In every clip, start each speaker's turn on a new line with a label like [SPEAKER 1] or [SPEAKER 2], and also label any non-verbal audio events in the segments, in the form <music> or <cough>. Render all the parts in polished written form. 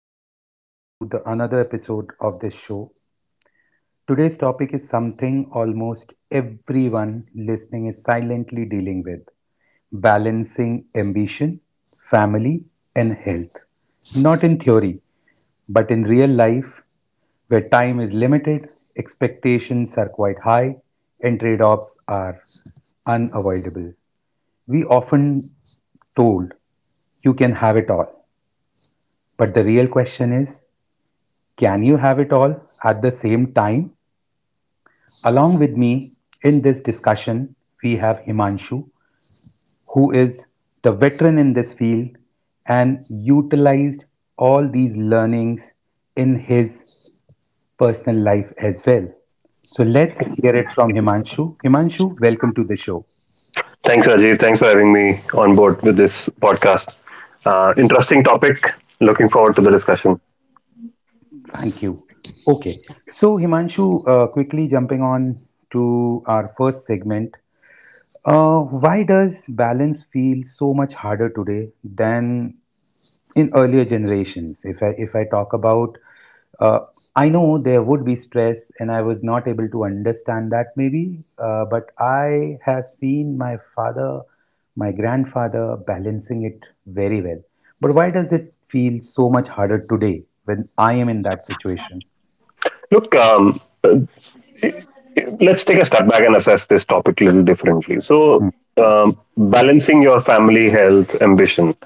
[SPEAKER 1] welcome to the another episode of this show. Today's topic is something almost everyone listening is silently dealing with balancing ambition, family, and health. Not in theory, but in real life, where time is limited, expectations are quite high, and trade offs are unavoidable. We often told you can have it all, but the real question is can you have it all at the same time? Along with me in this discussion, we have Himanshu, who is the veteran in this field and utilized all these learnings in his personal life as well. So let's hear it from Himanshu. Himanshu, welcome to the show.
[SPEAKER 2] Thanks, Rajiv. Thanks for having me on board with this podcast. Interesting topic. Looking forward to the discussion.
[SPEAKER 1] Thank you. Okay. So, Himanshu, quickly jumping on to our first segment. Why does balance feel so much harder today than in earlier generations? If I talk about, uh, I know there would be stress, and I was not able to understand that maybe, but I have seen my father, my grandfather balancing it very well. But why does it feel so much harder today when I am in that situation?
[SPEAKER 2] Look, let's take a step back and assess this topic a little differently. So,
[SPEAKER 1] Hmm.
[SPEAKER 2] um, balancing your family health ambition.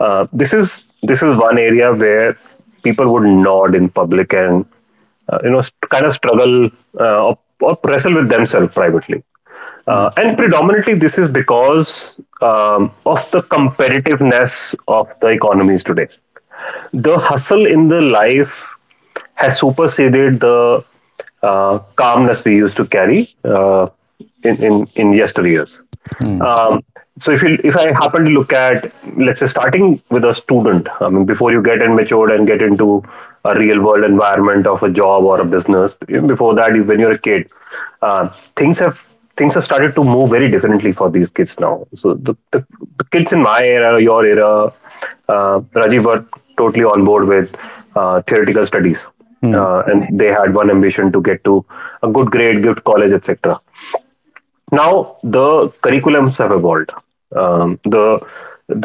[SPEAKER 2] This is one area where people would nod in public and kind of struggle or wrestle with themselves privately.
[SPEAKER 1] Yeah.
[SPEAKER 2] And predominantly, this is because of the competitiveness of the economies today, the hustle in the life has superseded the calmness we used to carry in yesteryears.
[SPEAKER 1] Hmm.
[SPEAKER 2] Um, so if I happen to look at, let's say, starting with a student. I mean, before you get in matured and get into a real world environment of a job or a business, even before that when you're a kid, uh, things have things have started to move very differently for these kids now. So the kids in my era, your era, Rajiv, were totally on board with theoretical studies,
[SPEAKER 1] Hmm.
[SPEAKER 2] and they had one ambition to get to a good grade, good college, etc. Now the curriculums have evolved. Um, the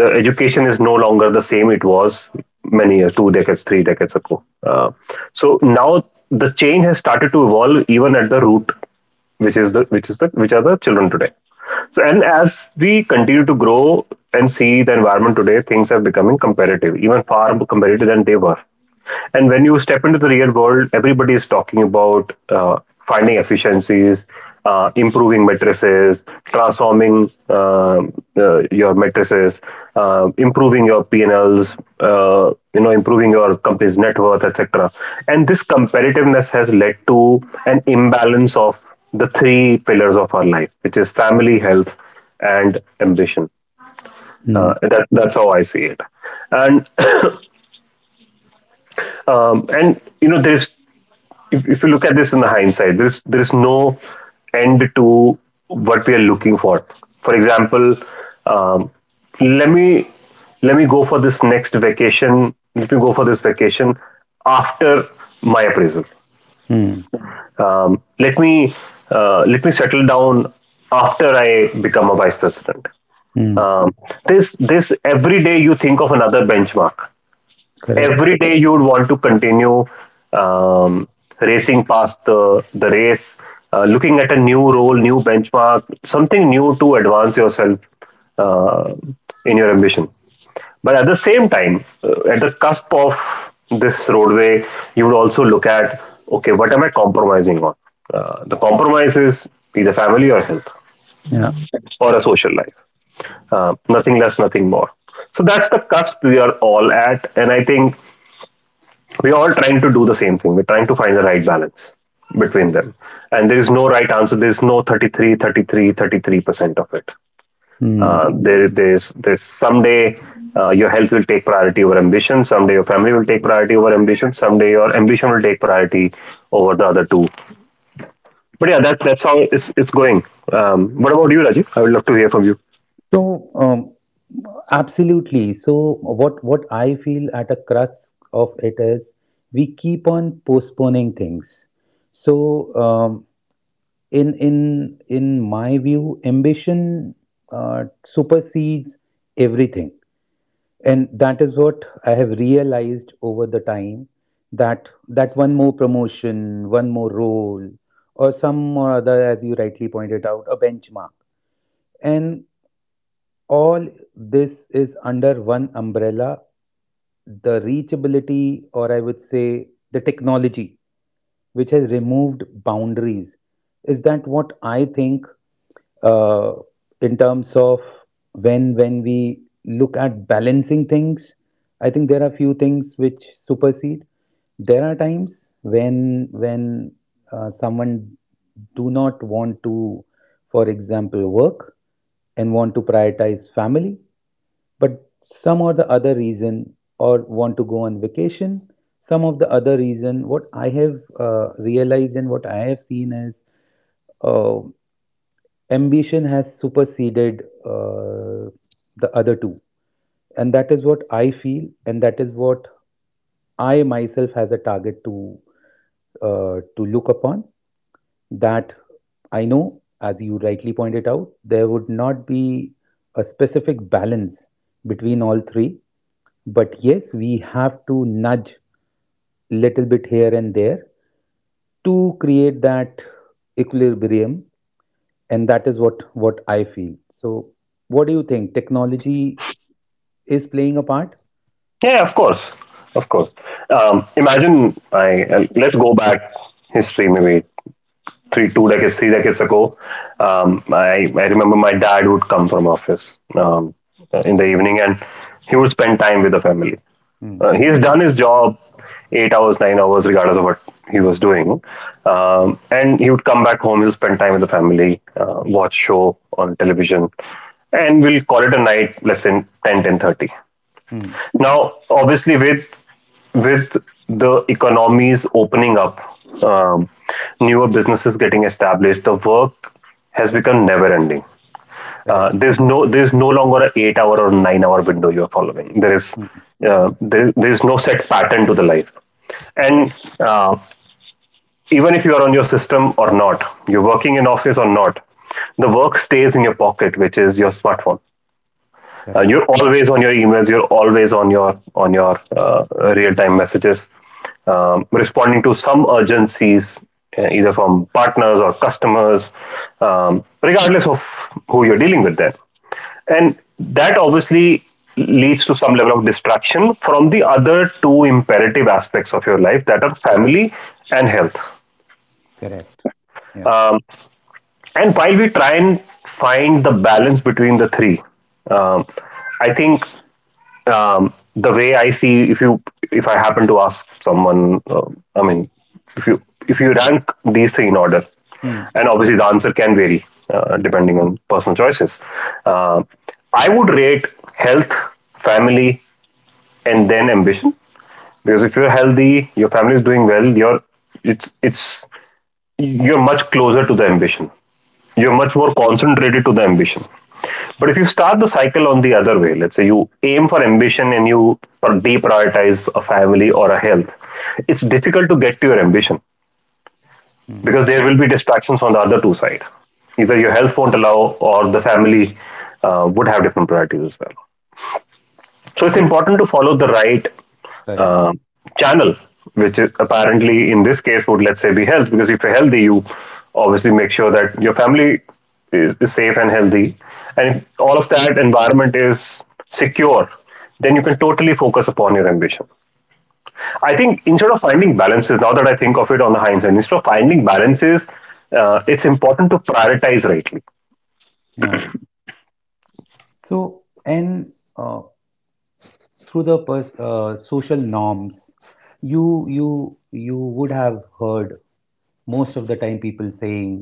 [SPEAKER 2] the education is no longer the same it was many years, 2 decades, 3 decades ago. So now the change has started to evolve even at the root, which are the children today. So, and as we continue to grow and see the environment today, things are becoming comparative, even far more comparative than they were. And when you step into the real world, everybody is talking about finding efficiencies, improving matrices, transforming your matrices, improving your P&Ls, improving your company's net worth, etc. And this competitiveness has led to an imbalance of the three pillars of our life, which is family, health, and ambition.
[SPEAKER 1] Hmm.
[SPEAKER 2] That's how I see it. And <coughs> <clears throat> and you know, there's if you look at this in the hindsight, there is no end to what we are looking for. For example, um, let me let me go for this next vacation. Let me go for this vacation after my appraisal.
[SPEAKER 1] Hmm.
[SPEAKER 2] Um, let me let me settle down after I become a vice president.
[SPEAKER 1] Hmm.
[SPEAKER 2] Um, this every day you think of another benchmark.
[SPEAKER 1] Correct.
[SPEAKER 2] Every day you would want to continue um, racing past the race, looking at a new role, new benchmark, something new to advance yourself uh, in your ambition. But at the same time, at the cusp of this roadway, you would also look at, okay, what am I compromising on? The compromise is either family or health
[SPEAKER 1] Yeah.
[SPEAKER 2] or a social life. Nothing less, nothing more. So that's the cusp we are all at. And I think we're all trying to do the same thing. We're trying to find the right balance between them. And there is no right answer. There's no 33, 33, 33% of it.
[SPEAKER 1] Hmm.
[SPEAKER 2] There's someday your health will take priority over ambition. Someday your family will take priority over ambition. Someday your ambition will take priority over the other two. But yeah, that's how it's going. What about you, Rajiv? I would love to hear from you.
[SPEAKER 1] So, absolutely. So, what I feel at a crux of it is we keep on postponing things. So, in my view, ambition supersedes everything, and that is what I have realized over the time that one more promotion, one more role, or some or other, as you rightly pointed out, a benchmark, and all this is under one umbrella, the reachability, or I would say the technology, which has removed boundaries. Is that what I think, uh, in terms of when we look at balancing things? I think there are few things which supersede. There are times when someone do not want to, for example, work and want to prioritize family but some or the other reason, or want to go on vacation some of the other reason, what I have realized and what I have seen is uh, ambition has superseded uh, the other two, and that is what I feel, and that is what I myself has a target to, to look upon. That I know, as you rightly pointed out, there would not be a specific balance between all three. But yes, we have to nudge little bit here and there to create that equilibrium, and that is what I feel. So, what do you think? Technology is playing a part.
[SPEAKER 2] Yeah, of course, of course. Imagine I Let's go back history maybe three 2 decades 3 decades ago. I remember my dad would come from office in the evening, and he would spend time with the family.
[SPEAKER 1] Mm.
[SPEAKER 2] He's done his job 8 hours 9 hours regardless of what he was doing. And he would come back home, he'll spend time with the family, watch show on television, and we'll call it a night, let's say, 10:30.
[SPEAKER 1] Mm.
[SPEAKER 2] Now obviously with the economies opening up, um, newer businesses getting established, the work has become never ending. Uh,
[SPEAKER 1] Correct.
[SPEAKER 2] there's no there's no longer an 8 hour or 9 hour window you're following. There is,
[SPEAKER 1] Mm.
[SPEAKER 2] there's no set pattern to the life. And uh, even if you are on your system or not, you're working in office or not, the work stays in your pocket, which is your smartphone.
[SPEAKER 1] Correct.
[SPEAKER 2] You're always on your emails, you're always on your real-time messages, responding to some urgencies, either from partners or customers, regardless of who you're dealing with them. And that obviously leads to some level of distraction from the other two imperative aspects of your life, that are family and health.
[SPEAKER 1] Correct. Yeah.
[SPEAKER 2] Um, and while we try and find the balance between the three, um, I think the way I see, if I happen to ask someone, I mean, if you rank these three in order,
[SPEAKER 1] Mm.
[SPEAKER 2] and obviously the answer can vary depending on personal choices. Uh, I would rate health, family, and then ambition, because if you're healthy, your family is doing well, you're, it's, you're much closer to the ambition, you're
[SPEAKER 1] Correct.
[SPEAKER 2] much more concentrated to the ambition. But if you start the cycle on the other way, let's say you aim for ambition and you deprioritize a family or a health, it's difficult to get to your ambition
[SPEAKER 1] Mm.
[SPEAKER 2] because there will be distractions on the other two side. Either your health won't allow, or the family would have different priorities as well. So it's
[SPEAKER 1] So
[SPEAKER 2] important to follow the right
[SPEAKER 1] correct.
[SPEAKER 2] um, channel, which is apparently, in this case, would, let's say, be health, because if you're healthy, you obviously make sure that your family is safe and healthy. And if all of that environment is secure, then you can totally focus upon your ambition. I think, instead of finding balances, now that I think of it on the hindsight, instead of finding balances, it's important to prioritize rightly.
[SPEAKER 1] Yeah. So and through the social norms, you would have heard most of the time people saying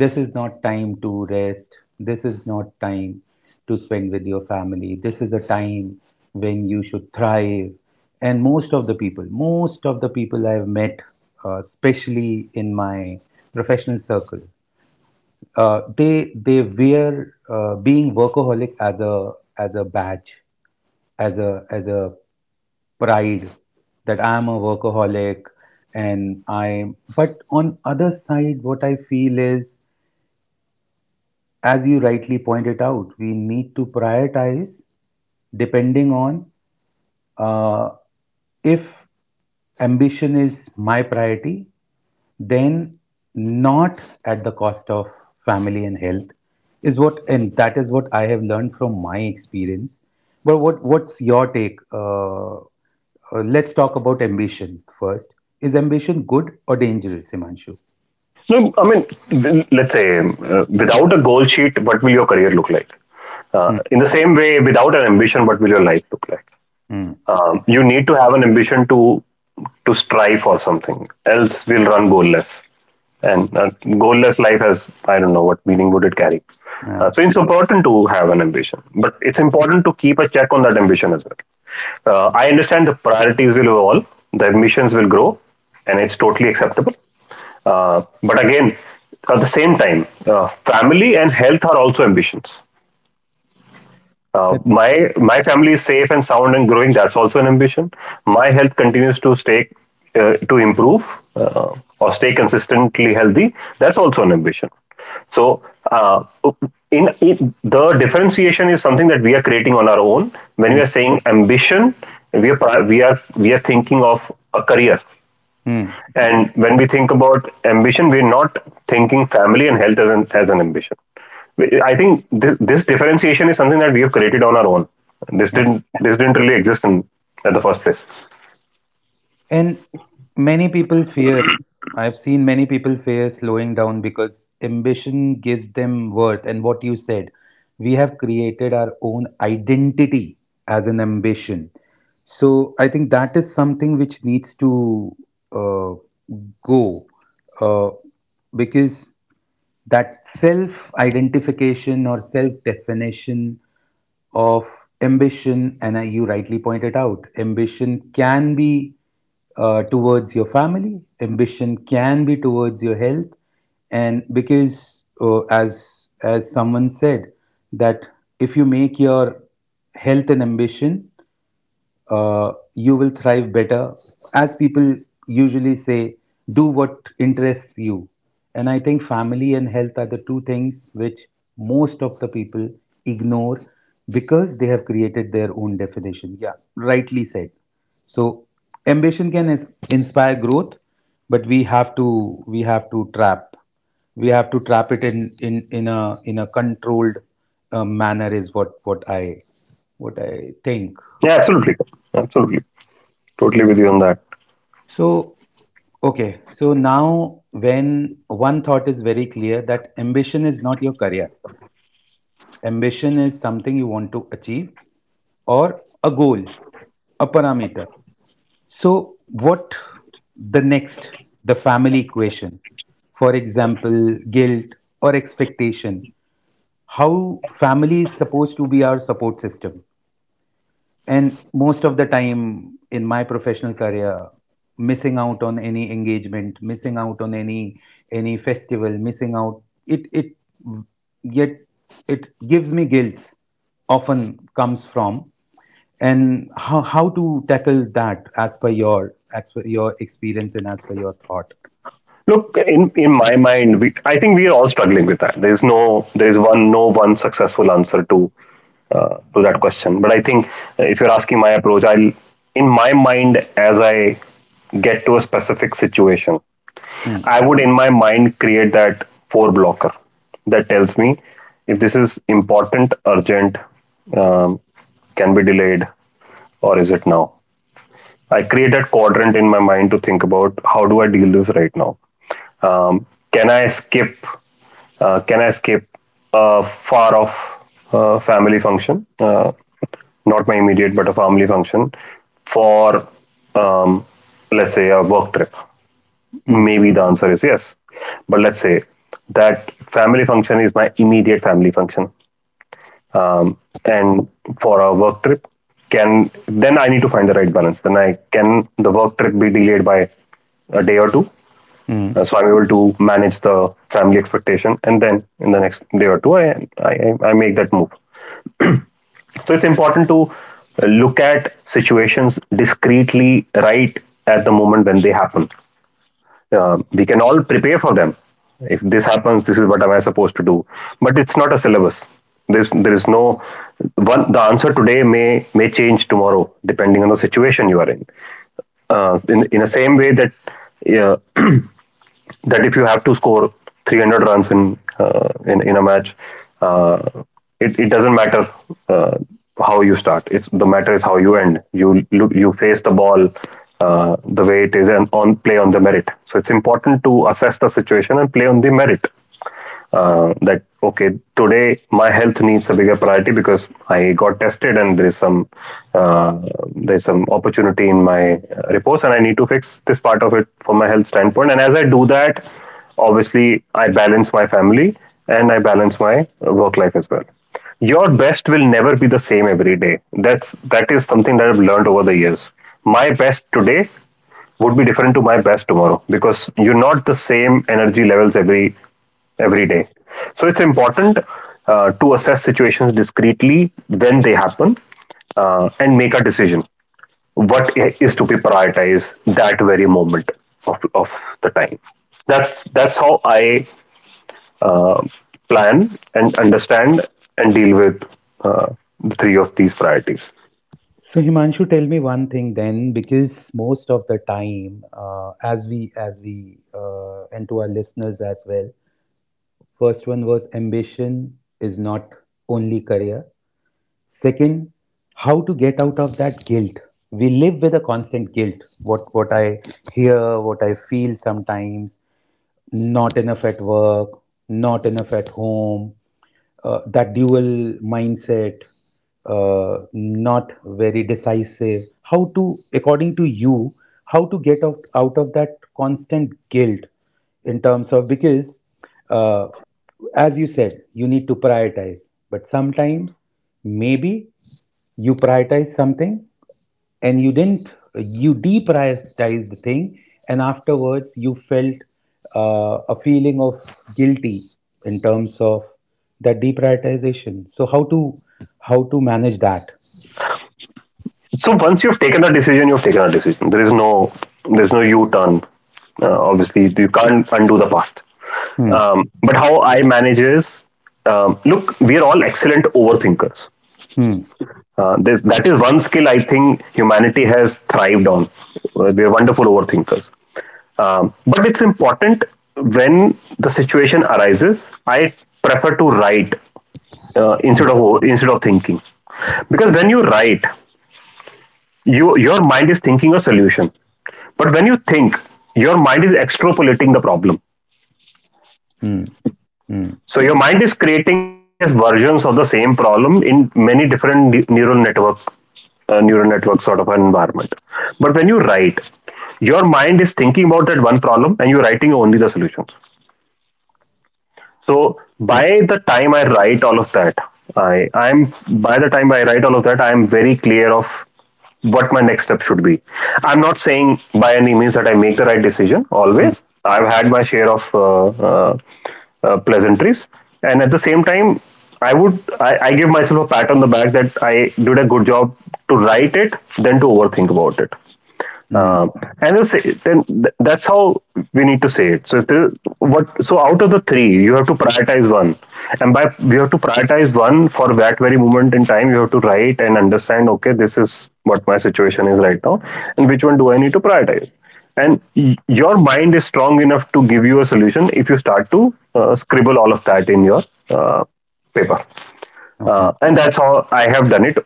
[SPEAKER 1] this is not time to rest, this is not time to spend with your family, this is a time when you should thrive. And most of the people I've met, especially in my professional circle, they wear being workaholic as a badge, as a pride, that I am a workaholic. And I but on other side what I feel is, as you rightly pointed out, we need to prioritize depending on uh, if ambition is my priority then not at the cost of family and health, is what, and that is what I have learned from my experience. But what's your take? Let's talk about ambition first. Is ambition good or dangerous, Himanshu?
[SPEAKER 2] No, I mean, let's say, without a goal sheet, what will your career look like?
[SPEAKER 1] Hmm.
[SPEAKER 2] In the same way, without an ambition, what will your life look like?
[SPEAKER 1] Hmm.
[SPEAKER 2] You need to have an ambition to strive for something, else we'll run goalless. And a goalless life has, I don't know what meaning would it carry.
[SPEAKER 1] Yeah.
[SPEAKER 2] So it's important to have an ambition, but it's important to keep a check on that ambition as well. I understand the priorities will evolve, the ambitions will grow, and it's totally acceptable. But again, at the same time, family and health are also ambitions. Uh,
[SPEAKER 1] Correct.
[SPEAKER 2] my my family is safe and sound and growing. That's also an ambition. My health continues to stay to improve uh, or stay consistently healthy. That's also an ambition. So uh, in the differentiation is something that we are creating on our own. When we are saying ambition, we are pri- we are thinking of a career.
[SPEAKER 1] Hmm.
[SPEAKER 2] And when we think about ambition, we're not thinking family and health as an, ambition. I think this, differentiation is something that we have created on our own. This
[SPEAKER 1] Yeah.
[SPEAKER 2] didn't this didn't really exist in at the first place.
[SPEAKER 1] And many people fear, I've seen many people fear slowing down because ambition gives them worth. And what you said, we have created our own identity as an ambition. So I think that is something which needs to uh, go, uh, because that self identification or self definition of ambition, and you rightly pointed out, ambition can be towards your family, ambition can be towards your health, and because as someone said, that if you make your health an ambition, you will thrive better. As people usually say, do what interests you. And I think family and health are the two things which most of the people ignore because they have created their own definition. Yeah, rightly said. So ambition can inspire growth, but we have to trap it in a controlled manner, is what I think.
[SPEAKER 2] Yeah, absolutely, absolutely, totally with you on that.
[SPEAKER 1] So, okay, so now when one thought is very clear that ambition is not your career, ambition is something you want to achieve or a goal, a parameter. So, what the next, the family equation, for example, guilt or expectation, how family is supposed to be our support system. And most of the time in my professional career missing out on any engagement, missing out on any festival, missing out, it yet it gives me guilt often comes from. And how, to tackle that as per your experience and as per your thought.
[SPEAKER 2] Look, in my mind, I think we are all struggling with that. There is no there is one No one successful answer to that question. But I think if you're asking my approach, I'll in my mind, as I get to a specific situation,
[SPEAKER 1] Mm.
[SPEAKER 2] I would, in my mind, create that four blocker that tells me if this is important, urgent, um, can be delayed, or is it now? I create that quadrant in my mind to think about how do I deal this right now? Um, can I skip? Can I skip a far off family function? Not my immediate, but a family function for, um, let's say, a work trip.
[SPEAKER 1] Mm.
[SPEAKER 2] Maybe the answer is yes. But let's say that family function is my immediate family function. Um, and for a work trip, can, then I need to find the right balance. Then, I can, the work trip, be delayed by a day or two. Uh,
[SPEAKER 1] Mm.
[SPEAKER 2] so I'm able to manage the family expectation, and then in the next day or two, I make that move. So it's important to look at situations discreetly right at the moment when they happen. We can all prepare for them. If this happens, this is what am I supposed to do. But it's not a syllabus. There is no one. The answer today may change tomorrow, depending on the situation you are in, in the same way that uh, that if you have to score 300 runs in in a match, uh, it doesn't matter uh, how you start. It's the matter is how you end. You look, you face the ball the way it is and on play on the merit. So it's important to assess the situation and play on the merit that okay, today my health needs a bigger priority because I got tested and there is some uh, there's some opportunity in my repose and I need to fix this part of it from my health standpoint. And as I do that, obviously I balance my family and I balance my work life as well. Your best will never be the same every day. That is something that I've learned over the years. My best today would be different to my best tomorrow because you're not the same energy levels every day, so it's important to assess situations discreetly when they happen, and make a decision what is to be prioritized that very moment of the time. That's how I uh, plan and understand and deal with uh, the three of these priorities.
[SPEAKER 1] So Himanshu, tell me one thing then, because most of the time, as we and to our listeners as well, first one was ambition is not only career. Second, how to get out of that guilt. We live with a constant guilt. What I hear, what I feel sometimes not enough at work, not enough at home, that dual mindset, not very decisive. How to, according to you, how to get out of that constant guilt, in terms of because, uh, as you said, you need to prioritize, but sometimes maybe you prioritize something and you didn't you deprioritized the thing, and afterwards you felt a feeling of guilty in terms of that deprioritization. So how to manage that.
[SPEAKER 2] So once you've taken a decision, you've taken a decision. There's no U-turn. Obviously, you can't undo the past.
[SPEAKER 1] Hmm.
[SPEAKER 2] But how I manage is, look, we are all excellent overthinkers.
[SPEAKER 1] Hmm.
[SPEAKER 2] That is one skill I think humanity has thrived on. We are wonderful overthinkers. But it's important when the situation arises. I prefer to write
[SPEAKER 1] Hmm.
[SPEAKER 2] instead of thinking, because when you write, your mind is thinking a solution, but when you think, your mind is extrapolating the problem.
[SPEAKER 1] Hmm. Hmm.
[SPEAKER 2] So your mind is creating various versions of the same problem in many different neural network, neural network sort of an environment. But when you write, your mind is thinking about that one problem and you're writing only the solutions. So by the time I write all of that, I I'm by the time I write all of that, I'm very clear of what my next step should be. I'm not saying by any means that I make the right decision
[SPEAKER 1] Hmm.
[SPEAKER 2] always. I've had my share of pleasantries, and at the same time, I give myself a pat on the back that I did a good job to write it than to overthink about it.
[SPEAKER 1] Hmm.
[SPEAKER 2] Um, and they'll say, then that's how we need to say it. So if there, what so out of the three, you have to prioritize one, and by we have to prioritize one for that very moment in time. You have to write and understand. Okay, this is what my situation is right now, and which one do I need to prioritize? And your mind is strong enough to give you a solution if you start to scribble all of that in your uh, paper.
[SPEAKER 1] Okay.
[SPEAKER 2] And that's how I have done it.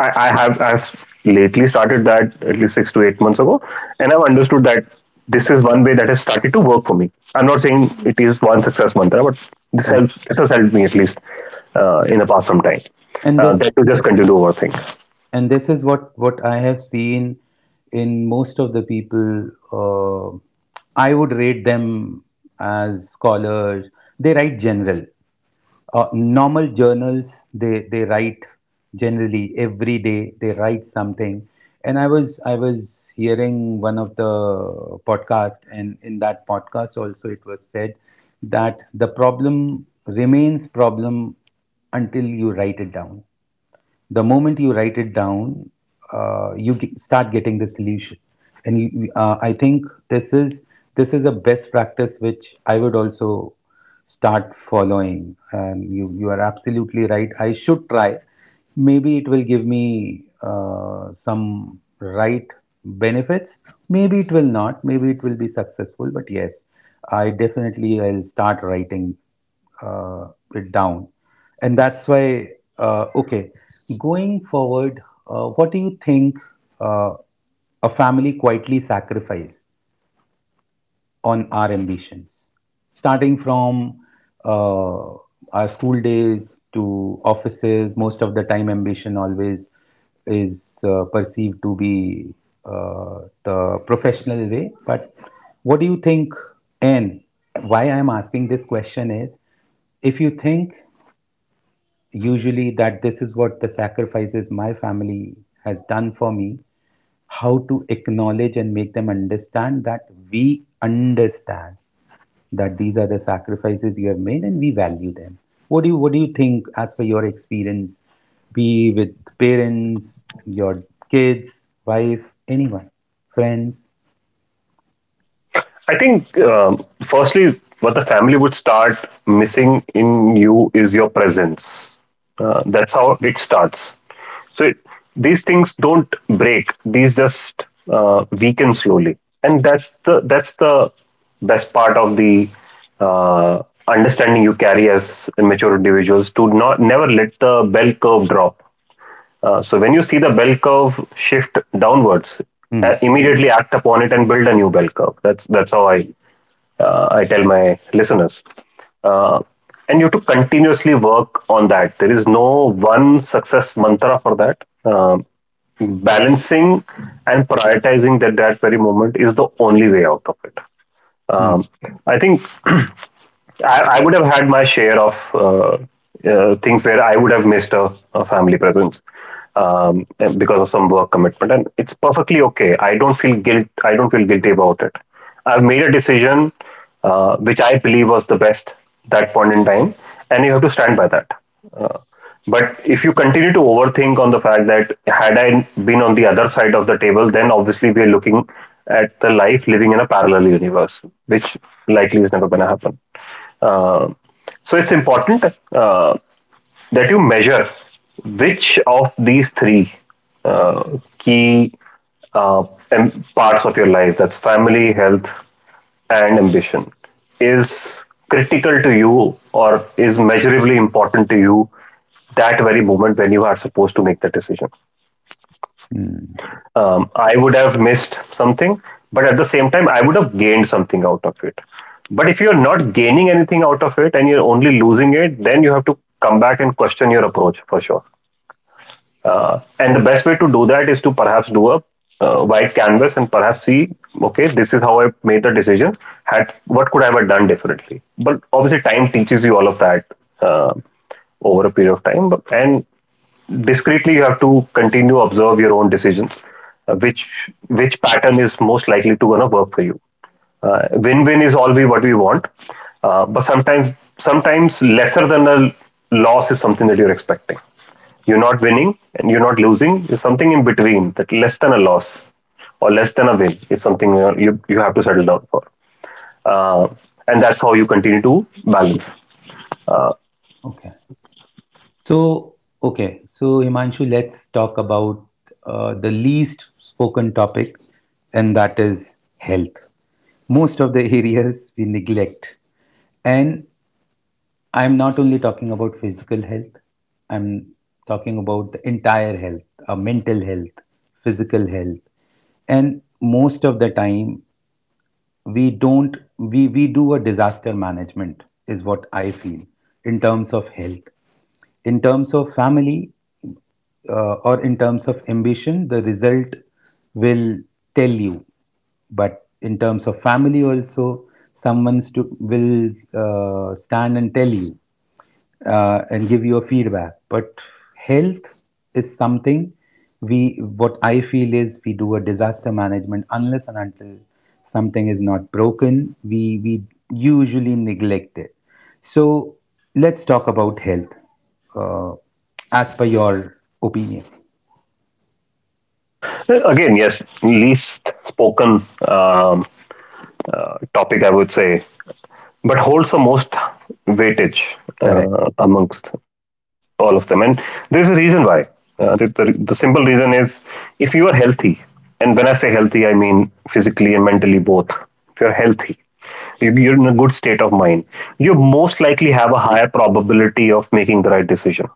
[SPEAKER 2] I've lately started that at least 6 to 8 months ago, and I've understood that this is one way that has started to work for me. I'm not saying it is one success mantra, but this
[SPEAKER 1] Hmm.
[SPEAKER 2] helps. This has helped me at least in the past some time.
[SPEAKER 1] and this
[SPEAKER 2] That to just continue over.
[SPEAKER 1] and this is what I have seen in most of the people. uh, I would rate them as scholars. They write general, normal journals. They write generally every day they write something. And I was hearing one of the podcast, and in that podcast also it was said that the problem remains problem until you write it down. The moment you write it down, you start getting the solution. And you, I think this is a best practice which I would also start following. And you are absolutely right. I should try. Maybe it will give me some right benefits. Maybe it will not. Maybe it will be successful. But yes, I definitely will start writing uh, it down. And that's why, okay, going forward, what do you think uh, a family quietly sacrifice, on our ambitions, starting from uh, our school days to offices. Most of the time, ambition always is perceived to be the professional way. But what do you think? And why I am asking this question is, if you think usually that this is what the sacrifices my family has done for me, how to acknowledge and make them understand that we understand that these are the sacrifices you have made and we value them. What do you think as per your experience, be with parents, your kids, wife, anyone, friends?
[SPEAKER 2] I think, firstly, what the family would start missing in you is your presence. That's how it starts. So it, these things don't break; these just weaken slowly, and that's the best part of the understanding you carry as mature individuals to not never let the bell curve drop. So when you see the bell curve shift downwards,
[SPEAKER 1] Hmm.
[SPEAKER 2] immediately act upon it and build a new bell curve. That's how I tell my listeners. Uh, and you have to continuously work on that. There is no one success mantra for that. Um Balancing and prioritizing that that very moment is the only way out of it.
[SPEAKER 1] Hmm.
[SPEAKER 2] Um, I think <clears throat> I would have had my share of things where I would have missed a family presence, um, because of some work commitment, and it's perfectly okay. I don't feel guilt. I don't feel guilty about it. I've made a decision which I believe was the best that point in time, and you have to stand by that. Uh, but if you continue to overthink on the fact that had I been on the other side of the table, then obviously we are looking at the life living in a parallel universe, which likely is never going to happen. Uh, so it's important. Uh, that you measure which of these three uh, key uh, parts of your life, that's family, health, and ambition, is critical to you or is measurably important to you that very moment when you are supposed to make that decision.
[SPEAKER 1] Hmm.
[SPEAKER 2] I would have missed something, but at the same time I would have gained something out of it. But if you're not gaining anything out of it and you're only losing it, then you have to come back and question your approach for sure. And the best way to do that is to perhaps do a white canvas and perhaps see, okay, this is how I made the decision. Had What could I have done differently? But obviously, time teaches you all of that uh, over a period of time. And discreetly you have to continue observe your own decisions, uh, which which pattern is most likely to gonna work for you. Win-win is always what we want, but sometimes lesser than a loss is something that you're expecting. You're not winning and you're not losing is something in between, that less than a loss or less than a win is something you have to settle down for, uh, and that's how you continue to balance.
[SPEAKER 1] Okay. So okay. So Himanshu, let's talk about the least spoken topic, and that is health. Most of the <laughs> areas we neglect, and I'm not only talking about physical health, I'm talking about the entire health, mental health, physical health. And most of the time, we don't, we do a disaster management, is what I feel, in terms of health. In terms of family or in terms of ambition, the result will tell you. But in terms of family, also, someone will stand and tell you and give you a feedback. But health is something we, what I feel is we do a disaster management unless and until something is not broken, we usually neglect it. So let's talk about health uh, as per your opinion.
[SPEAKER 2] Again, yes, least spoken, um, topic, I would say, but holds the most weightage
[SPEAKER 1] Correct.
[SPEAKER 2] amongst all of them. And there's a reason why. The simple reason is, if you are healthy, and when I say healthy, I mean physically and mentally both. If you're healthy, you're in a good state of mind, you most likely have a higher probability of making the right decision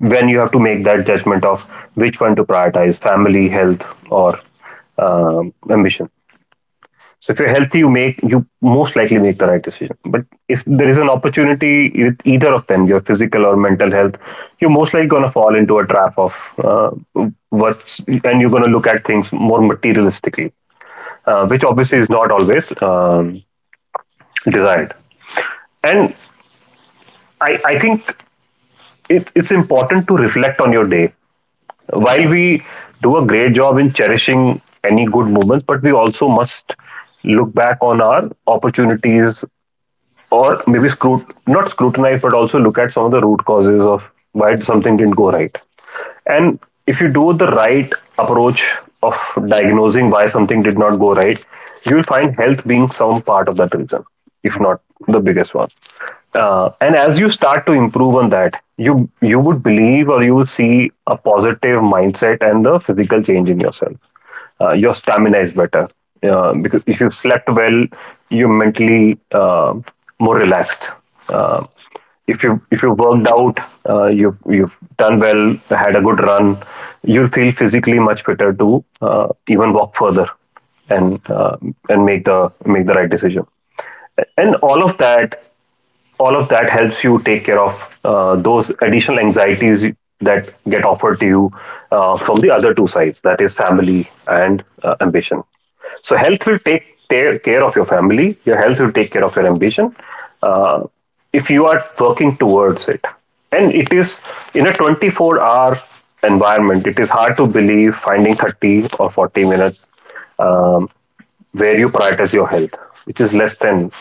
[SPEAKER 2] when you have to make that judgment of which one to prioritize, family, health, or ambition. So if you're healthy, you most likely make the right decision. But if there is an opportunity with either of them, your physical or mental health, you're most likely gonna fall into a trap of uh, what's, and you're gonna look at things more materialistically, which obviously is not always desired. And I think it's important to reflect on your day. While we do a great job in cherishing any good moment, but we also must look back on our opportunities, or maybe scrut, not scrutinize, but also look at some of the root causes of why something didn't go right. And if you do the right approach of diagnosing why something did not go right, you will find health being some part of that reason, if
[SPEAKER 1] Yeah.
[SPEAKER 2] not the biggest one. And as you start to improve on that, you would believe or you will see a positive mindset and the physical change in yourself. Your stamina is better, because if you slept well, you're mentally more relaxed. uh, if you worked out, you've done well, had a good run, you'll feel physically much better to even walk further, and uh, and make the right decision. And all of that, all of that helps you take care of those additional anxieties that get offered to you from the other two sides, that is family and ambition. So health will take care of your family, your health will take care of your ambition, uh, if you are working towards it. And it is in a 24-hour environment, it is hard to believe finding 30 or 40 minutes, um, where you prioritize your health, which is less than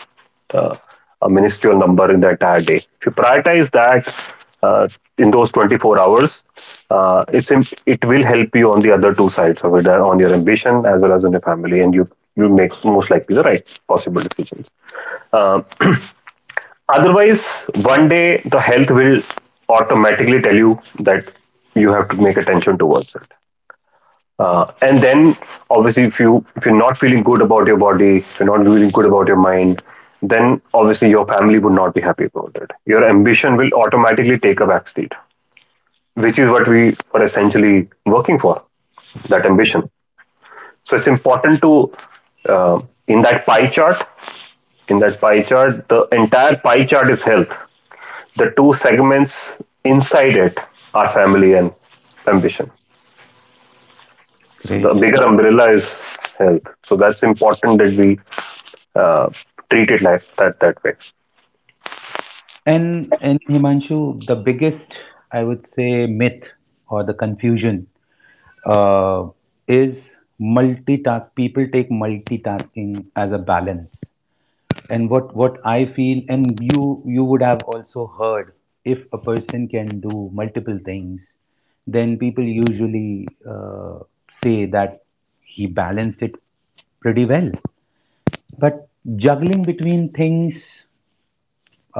[SPEAKER 2] uh, a ministerial number in the entire day. If you prioritize that uh, in those 24 hours, it will help you on the other two sides of it, on your ambition as well as on your family, and you make most likely the right possible decisions. Um Otherwise, one day the health will automatically tell you that you have to make attention towards it. And then, obviously, if you if you're not feeling good about your body, if you're not feeling good about your mind, then obviously your family would not be happy about it. Your ambition will automatically take a backseat, which is what we are essentially working for. That ambition. So it's important to uh, in that pie chart. In that pie chart, the entire pie chart is health. The two segments inside it are family and ambition. So the
[SPEAKER 1] Great.
[SPEAKER 2] bigger umbrella is health. So that's important that we uh, treat it that way.
[SPEAKER 1] And Himanshu, the biggest, I would say, myth or the confusion uh, is multitask people take multitasking as a balance, and what I feel, and you would have also heard, if a person can do multiple things then people usually say that he balanced it pretty well, but juggling between things,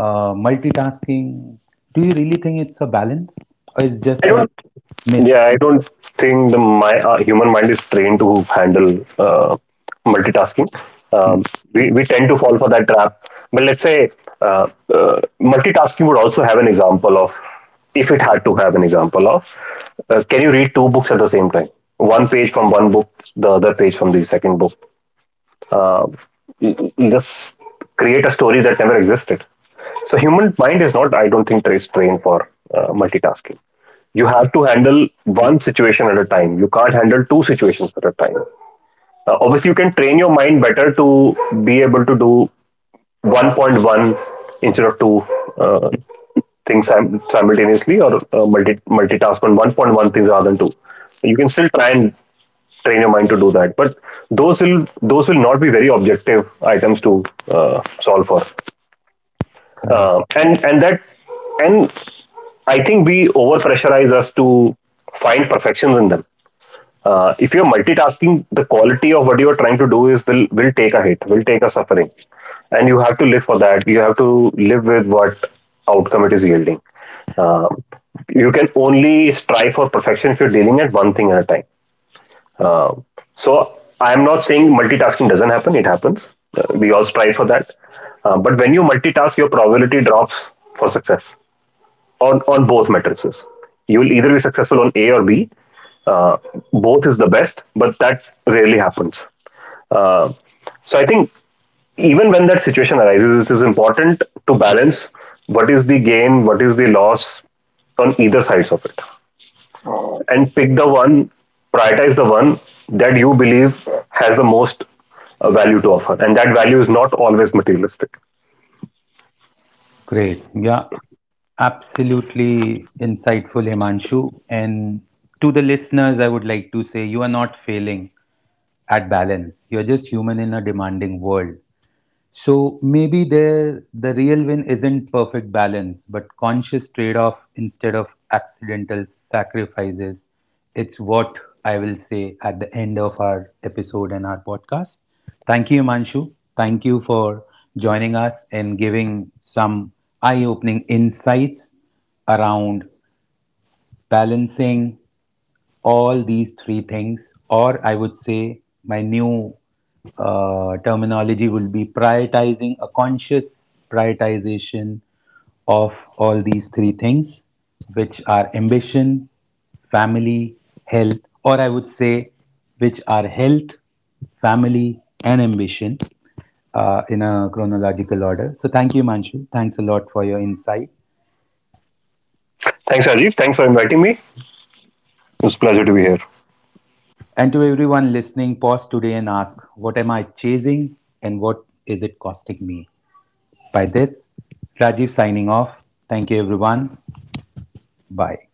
[SPEAKER 1] multitasking, do you really think it's a balance or is
[SPEAKER 2] I
[SPEAKER 1] just a
[SPEAKER 2] don't.
[SPEAKER 1] myth?
[SPEAKER 2] Yeah, I don't think the my human mind is trained to handle uh, multitasking.
[SPEAKER 1] Hmm.
[SPEAKER 2] Um, we tend to fall for that trap. But let's say uh, multitasking would also have an example of if it had to have an example of can you read two books at the same time? One page from one book, the other page from the second book. Uh, just create a story that never existed. So human mind is not, I don't think, trained for multitasking. You have to handle one situation at a time. You can't handle two situations at a time. Obviously, you can train your mind better to be able to do 1.1 instead of two uh, things simultaneously, or multitask on 1.1 things rather than two. You can still try and train your mind to do that. But those will not be very objective items to solve for,
[SPEAKER 1] Correct.
[SPEAKER 2] and that, and I think we over pressurize us to find perfections in them. If you're multitasking, the quality of what you're trying to do is will take a hit, will take a suffering, and you have to live for that. You have to live with what outcome it is yielding. Um you can only strive for perfection if you're dealing at one thing at a time. Uh, so I'm not saying multitasking doesn't happen. It happens. We all strive for that. But when you multitask, your probability drops for success on both matrices. You will either be successful on A or B. Uh, Both is the best, but that rarely happens. Uh, so I think even when that situation arises, it is important to balance what is the gain, what is the loss on either sides of it, and pick the one, prioritize the one that you believe has the most value to offer. And that value is not always materialistic.
[SPEAKER 1] Great. Yeah, absolutely insightful, Himanshu. And to the listeners, I would like to say you are not failing at balance. You're just human in a demanding world. So maybe there the real win isn't perfect balance, but conscious trade-off instead of accidental sacrifices. It's what I will say at the end of our episode and our podcast. Thank you, Manshu. Thank you for joining us and giving some eye-opening insights around balancing all these three things, or I would say my new terminology will be prioritizing a conscious prioritization of all these three things, which are ambition, family, health, or I would say which are health, family, and ambition in a chronological order. So, thank you, Manshu. Thanks a lot for your insight.
[SPEAKER 2] Thanks, Rajiv. Thanks for inviting me. It's a pleasure to be here.
[SPEAKER 1] And to everyone listening, pause today and ask, what am I chasing and what is it costing me? By this, Rajiv signing off. Thank you, everyone. Bye.